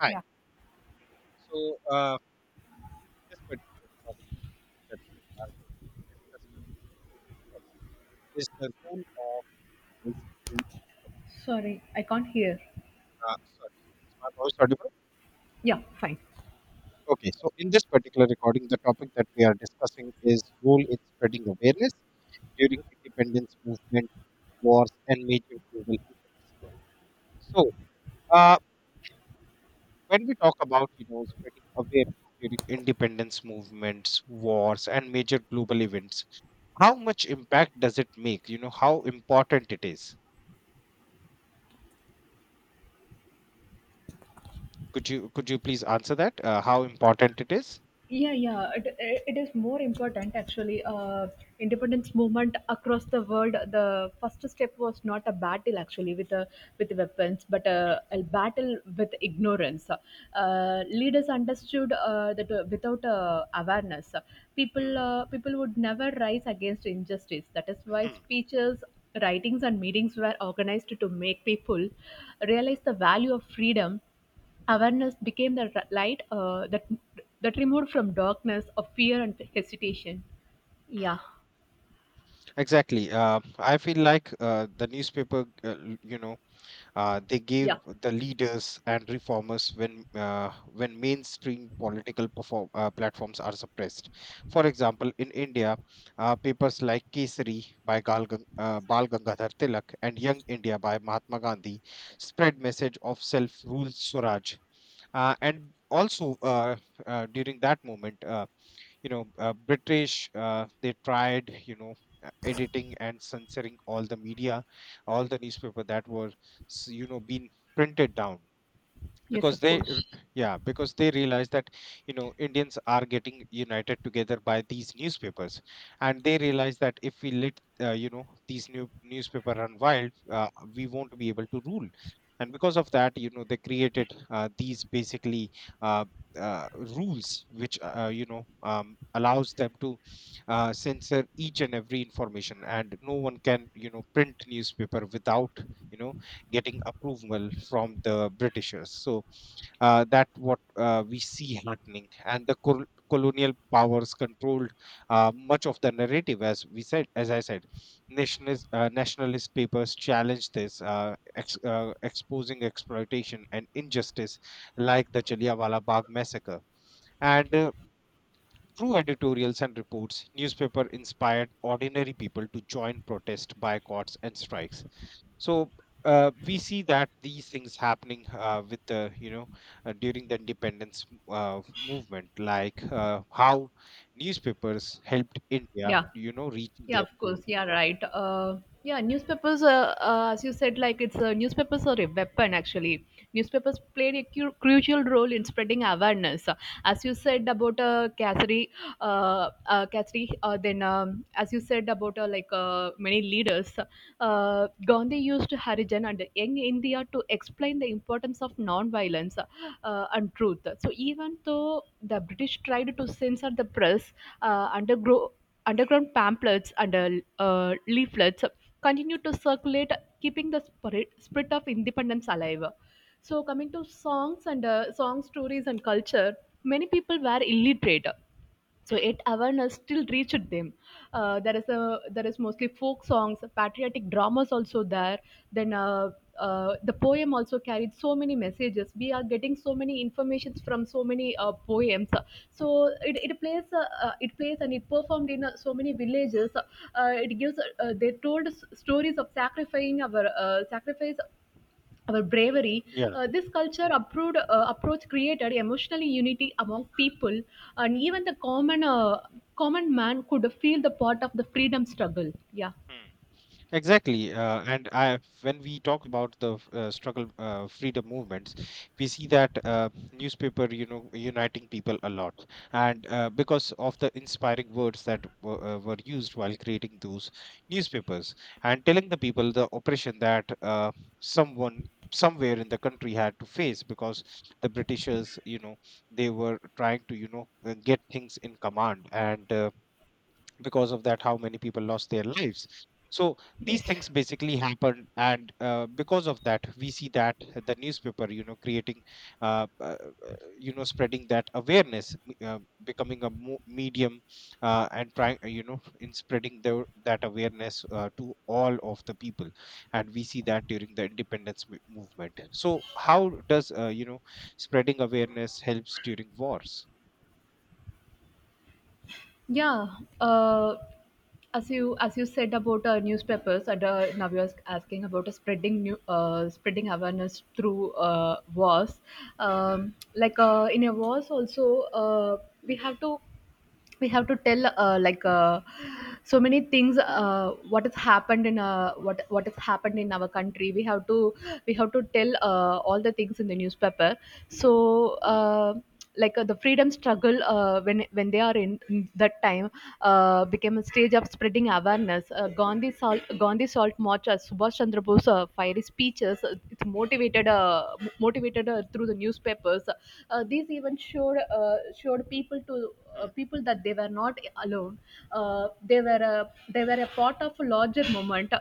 Hi. Yeah, So, uh, this particular recording, the topic that we are discussing discuss is the role of basically. sorry, I can't hear. Sorry, is my voice audible? Yeah, fine. Okay. So, in this particular recording, the topic that we are discussing is role in spreading awareness during independence movement, wars, and major global events. So, uh, when we talk about spreading awareness during independence movements, wars, and major global events, how much impact does it make? How important it is? Could you please answer that, how important it is? Yeah, yeah, it is more important actually. Independence movement across the world. The first step was not a battle actually with weapons, but Hmm, a battle with ignorance. Leaders understood that without awareness, hmm, people would never rise against injustice. That is why hmm, speeches, writings, and meetings were organized to make people realize the value of freedom. Awareness became the light that removed from darkness of fear and hesitation. hmm. Yeah, Exactly. I feel like the newspaper, they gave yeah, the leaders and reformers when mainstream platforms are suppressed. For example, in India, papers like Kesari by Bal Gangadhar Tilak and Young India by Mahatma Gandhi spread message of self-rule Swaraj. And also During that moment, british, they tried, editing and censoring all the media, all the newspaper that were being printed down yes, because of they r- course. yeah because they realize that indians are getting united together by these newspapers, and they realize that if we let, these newspaper run wild, we won't be able to rule. And because of that, they created, these basically, uh, uh, rules which, allows them to, censor each and every information, and no one can, print newspaper without, you know getting approval from the britishers. That what, we see happening, and the colonial powers controlled, much of the narrative. As we said, as I said, nationalist papers challenge this, exposing exploitation and injustice like the jallianwala bagh massacre. And Through editorials and reports, newspaper inspired ordinary people to join protest, boycotts, and strikes. so we see that these things happening, with the, during the independence, movement, like, how newspapers helped india, Yeah, reaching yeah, their of course. goal. Yeah, right. Yeah, newspapers, as you said, like it's newspapers are a weapon actually. Newspapers played a crucial role in spreading awareness. As you said about Cassidy, Cassidy, then as you said about like many leaders, Gandhi used Harijan and Young India to explain the importance of non-violence and truth. So even though the British tried to censor the press, undergrow underground pamphlets and leaflets continued to circulate, keeping the spirit of independence alive. So, coming to songs and song stories and culture, many people were illiterate, so it awareness still reached them. There is mostly folk songs, patriotic dramas also there. Then the poem also carried so many messages. We are getting so many informations from so many poems, so it plays it plays and it performed in so many villages. It gives they told stories of sacrificing our sacrifice, our bravery. Yeah. This approach created emotional unity among people, and even the common common man could feel the part of the freedom struggle. Yeah, Exactly, and I, when we talk about the, struggle, freedom movements, we see that, newspaper, you know, uniting people a lot, and, because of the inspiring words that were used while creating those newspapers, and telling the people the oppression that, someone somewhere in the country had to face because the Britishers, you know, they were trying to, you know, get things in command and. Because of that, how many people lost their lives. So these yes. things basically happen, and, because of that, we see that the newspaper, creating, uh, uh, uh, spreading that awareness, becoming a medium, and trying, in spreading the, that awareness, to all of the people. And we see that during the independence movement. So how does, spreading awareness helps during wars? Yeah. As you said about newspapers, and now you're asking about spreading awareness through wars. Like in a wars, also we have to we have to tell like so many things. What has happened in our country. We have to tell all the things in the newspaper. so uh, like the freedom struggle, when they are in that time, became a stage of spreading awareness. Gandhi salt marches, Subhash Chandra Bose fiery speeches. It's motivated, motivated through the newspapers. These even showed showed people to Mm, people that they were not alone. They were a part of a larger movement.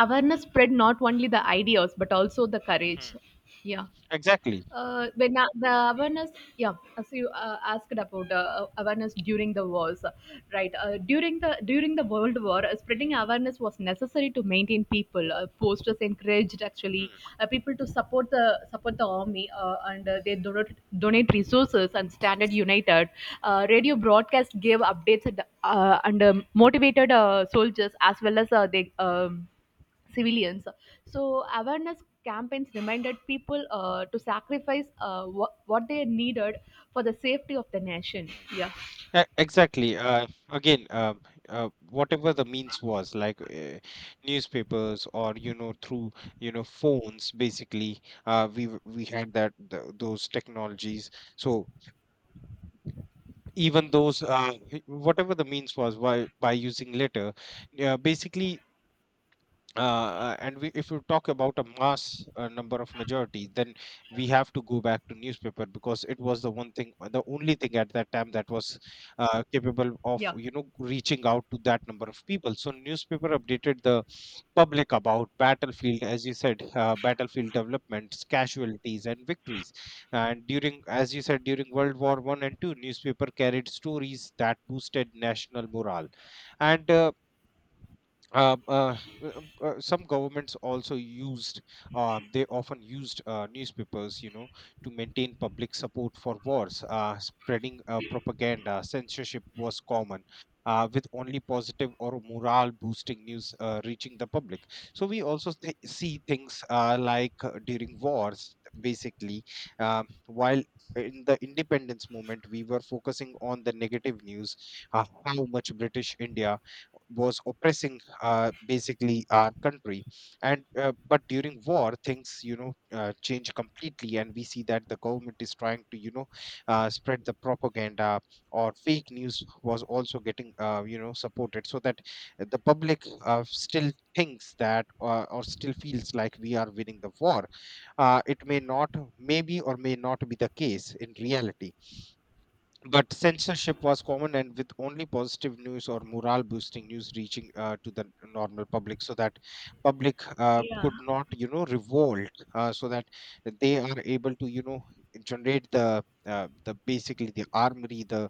Awareness spread not only the ideas but also the courage. mm, Yeah. exactly Uh, when uh, the awareness, yeah, as you asked about awareness during the wars, right? During the World War, spreading awareness was necessary to maintain people. Posters encouraged actually Mm, people to support the army, and they donate resources and standard united. Radio broadcast gave updates and, motivated soldiers as well as they. Civilians. So awareness campaigns reminded people to sacrifice what they needed for the safety of the nation. mm. Yeah, Exactly. Whatever the means was, like, newspapers, or through, phones, basically, we had that th those technologies. So even those, whatever the means was, by using letter, basically, and we, if you talk about a mass, number of majority, then we have to go back to newspaper because it was the one thing, the only thing at that time that was, capable of, yeah, reaching out to that number of people. So newspaper updated the public about battlefield, as you said, battlefield developments, casualties, and victories. And during, as you said, during World War One and Two, newspaper carried stories that boosted national morale, and uh, uh, some governments also used, they often used, newspapers, to maintain public support for wars, spreading, propaganda. Censorship was common, with only positive or morale boosting news, reaching the public. So we also see things, like, during wars basically, while in the independence movement we were focusing on the negative news, how much british india was oppressing, basically our country. And But during war things, change completely, and we see that the government is trying to, spread the propaganda or fake news was also getting, supported, so that the public, still thinks that, or still feels like we are winning the war, it may not, maybe or may not be the case in reality. But censorship was common, and with only positive news or morale-boosting news reaching, to the normal public, so that public, yeah, could not, you know, revolt, so that they are able to, you know, generate the, the basically the armory,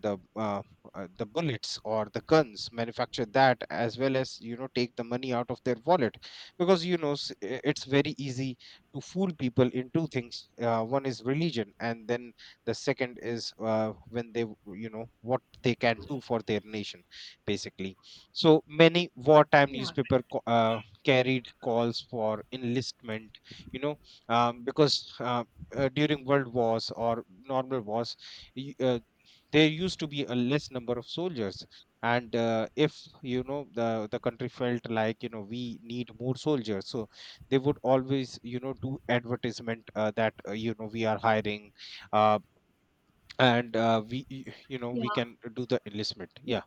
the uh, the bullets or the guns, manufacture that, as well as, take the money out of their wallet, because, it's very easy to fool people into things. One is religion, and then the second is, when they you know what they can do for their nation basically. So many wartime yeah. newspaper carried calls for enlistment, you know because, during world wars or normal wars, y- uh, there used to be a less number of soldiers, and if the country felt like, we need more soldiers, so they would always, do advertisement, that, we are hiring, uh, and we y- you know we Yeah. can do the enlistment, yeah,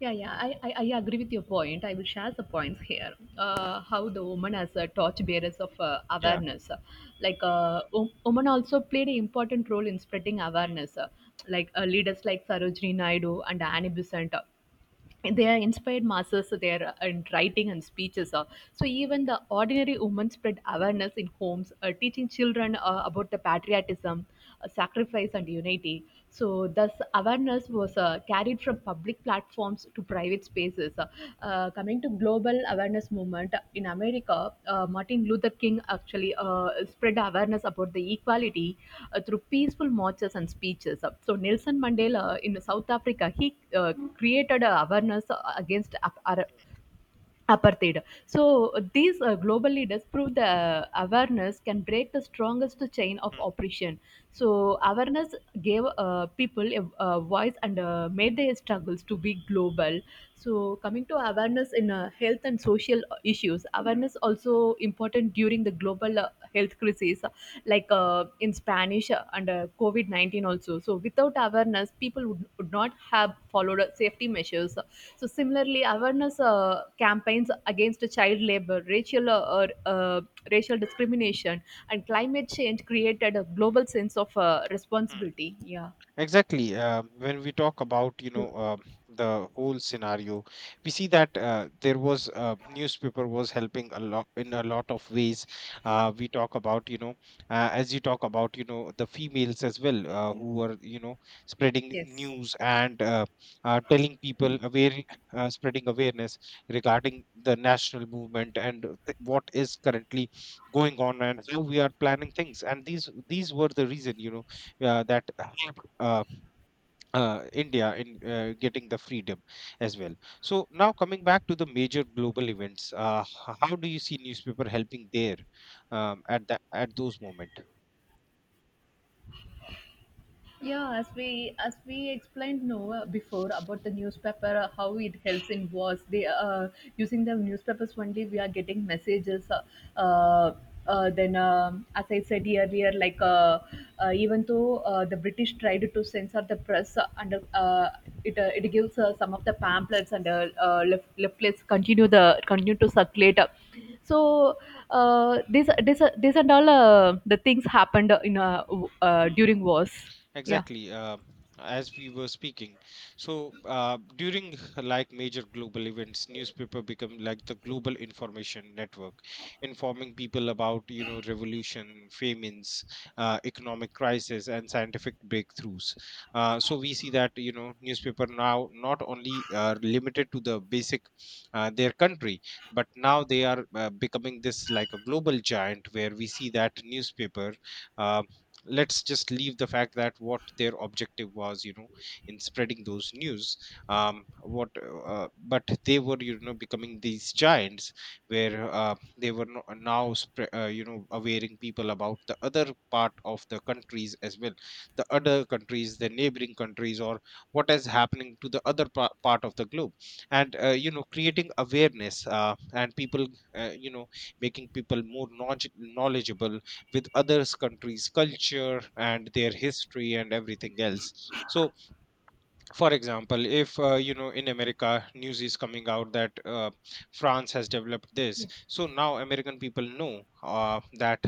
Yeah, yeah, I agree with your point. I will share the points here. How the woman as a torchbearers of yeah. awareness. Like, woman also played an important role in spreading Mm, awareness. Like, leaders like Sarojini Naidu and Annie Besant. They are inspired masses. They in writing and speeches. So even the ordinary women spread awareness in homes, teaching children about the patriotism, sacrifice and unity. So thus awareness was carried from public platforms to private spaces places. Coming to global awareness movement in America, Martin Luther King actually spread awareness about the equality through peaceful marches and speeches. So Nelson Mandela in South Africa, he created a awareness against apartheid. So these global leaders prove the awareness can break the strongest chain of mm, oppression. So awareness gave people a voice and made their struggles to be global. So coming to awareness in health and social issues, awareness also important during the global health crisis, like in Spanish under COVID 19 also. So without awareness, would not have followed safety measures. So similarly, awareness campaigns against child labor, racial racial discrimination, and climate change created a global sense of mm. responsibility. Yeah. Exactly. When we talk about, You- the whole scenario, we see that, there was, newspaper was helping a lot in a lot of ways. We talk about, as you talk about, the females as well, who were, spreading Yes. news, and telling people aware, spreading awareness regarding the national movement, what is currently going on and how we are planning things. And these were the reason, that helped, India in, getting the freedom as well. So now, coming back to the major global events, how do you see newspaper helping there, at that, at those moment? Yeah, as we explained no before about the newspaper, how it helps in wars. They using the newspapers only. We are getting messages. Uh, then, as I said earlier, like even though the British tried to censor the press, and it gives some of the pamphlets and leftlets continue to circulate. So this and all the things happened in during wars. Yeah. Exactly, as we were speaking. So, during like major global events, newspaper become like the global information network, informing people about, revolution, famines, economic crisis, and scientific breakthroughs. So we see that, newspaper now not only are limited to the basic, their country, but now they are, becoming this like a global giant, where we see that newspaper. uh, let's just leave the fact that what their objective was, in spreading those news, what but they were, becoming these giants, where, they were no- now awaring people about the other part of the countries as well, the other countries, the neighboring countries, or what is happening to the other part of the globe. And you know Creating awareness, and people, uh, you know making people more knowledgeable with others countries culture and their history and everything else. So for example, if, in america news is coming out that, france has developed this, so now american people know, that,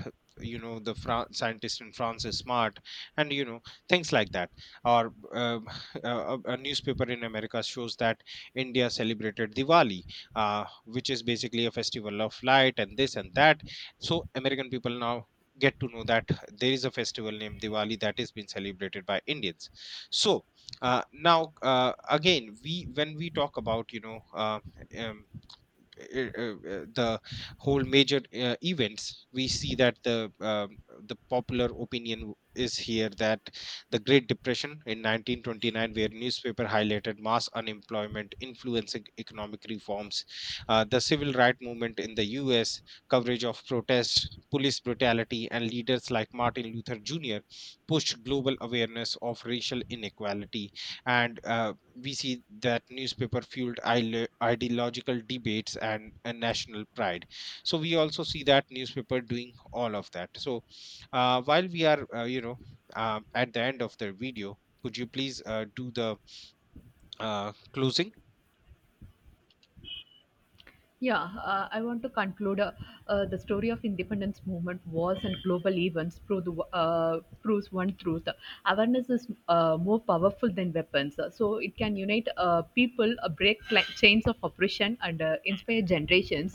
the scientist in france is smart, and, things like that. Or a newspaper in america shows that india celebrated diwali, which is basically a festival of light, and this and that. So american people now get to know that there is a festival named diwali that is being celebrated by indians. So, again, we, when we talk about, um, the whole major, events, we see that the, the popular opinion is here that the great depression in 1929, where newspaper highlighted mass unemployment, influencing economic reforms. The civil right movement in the us, coverage of protests, police brutality, and leaders like martin luther jr pushed global awareness of racial inequality. And We see that newspaper fueled ideological debates, and national pride. So we also see that newspaper doing all of that. So, while we are, at the end of the video, could you please, do the, closing? Yeah, I want to conclude. The story of independence movement, wars, and global events proves one truth: awareness is more powerful than weapons. So it can unite people, break cla chains of oppression, and inspire generations.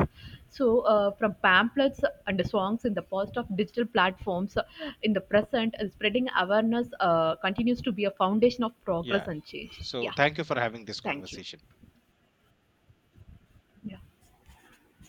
From pamphlets and songs in the past of digital platforms, in the present, spreading awareness continues to be a foundation of progress Yeah, and change. so Yeah, thank you for having this thank you. conversation. Yeah.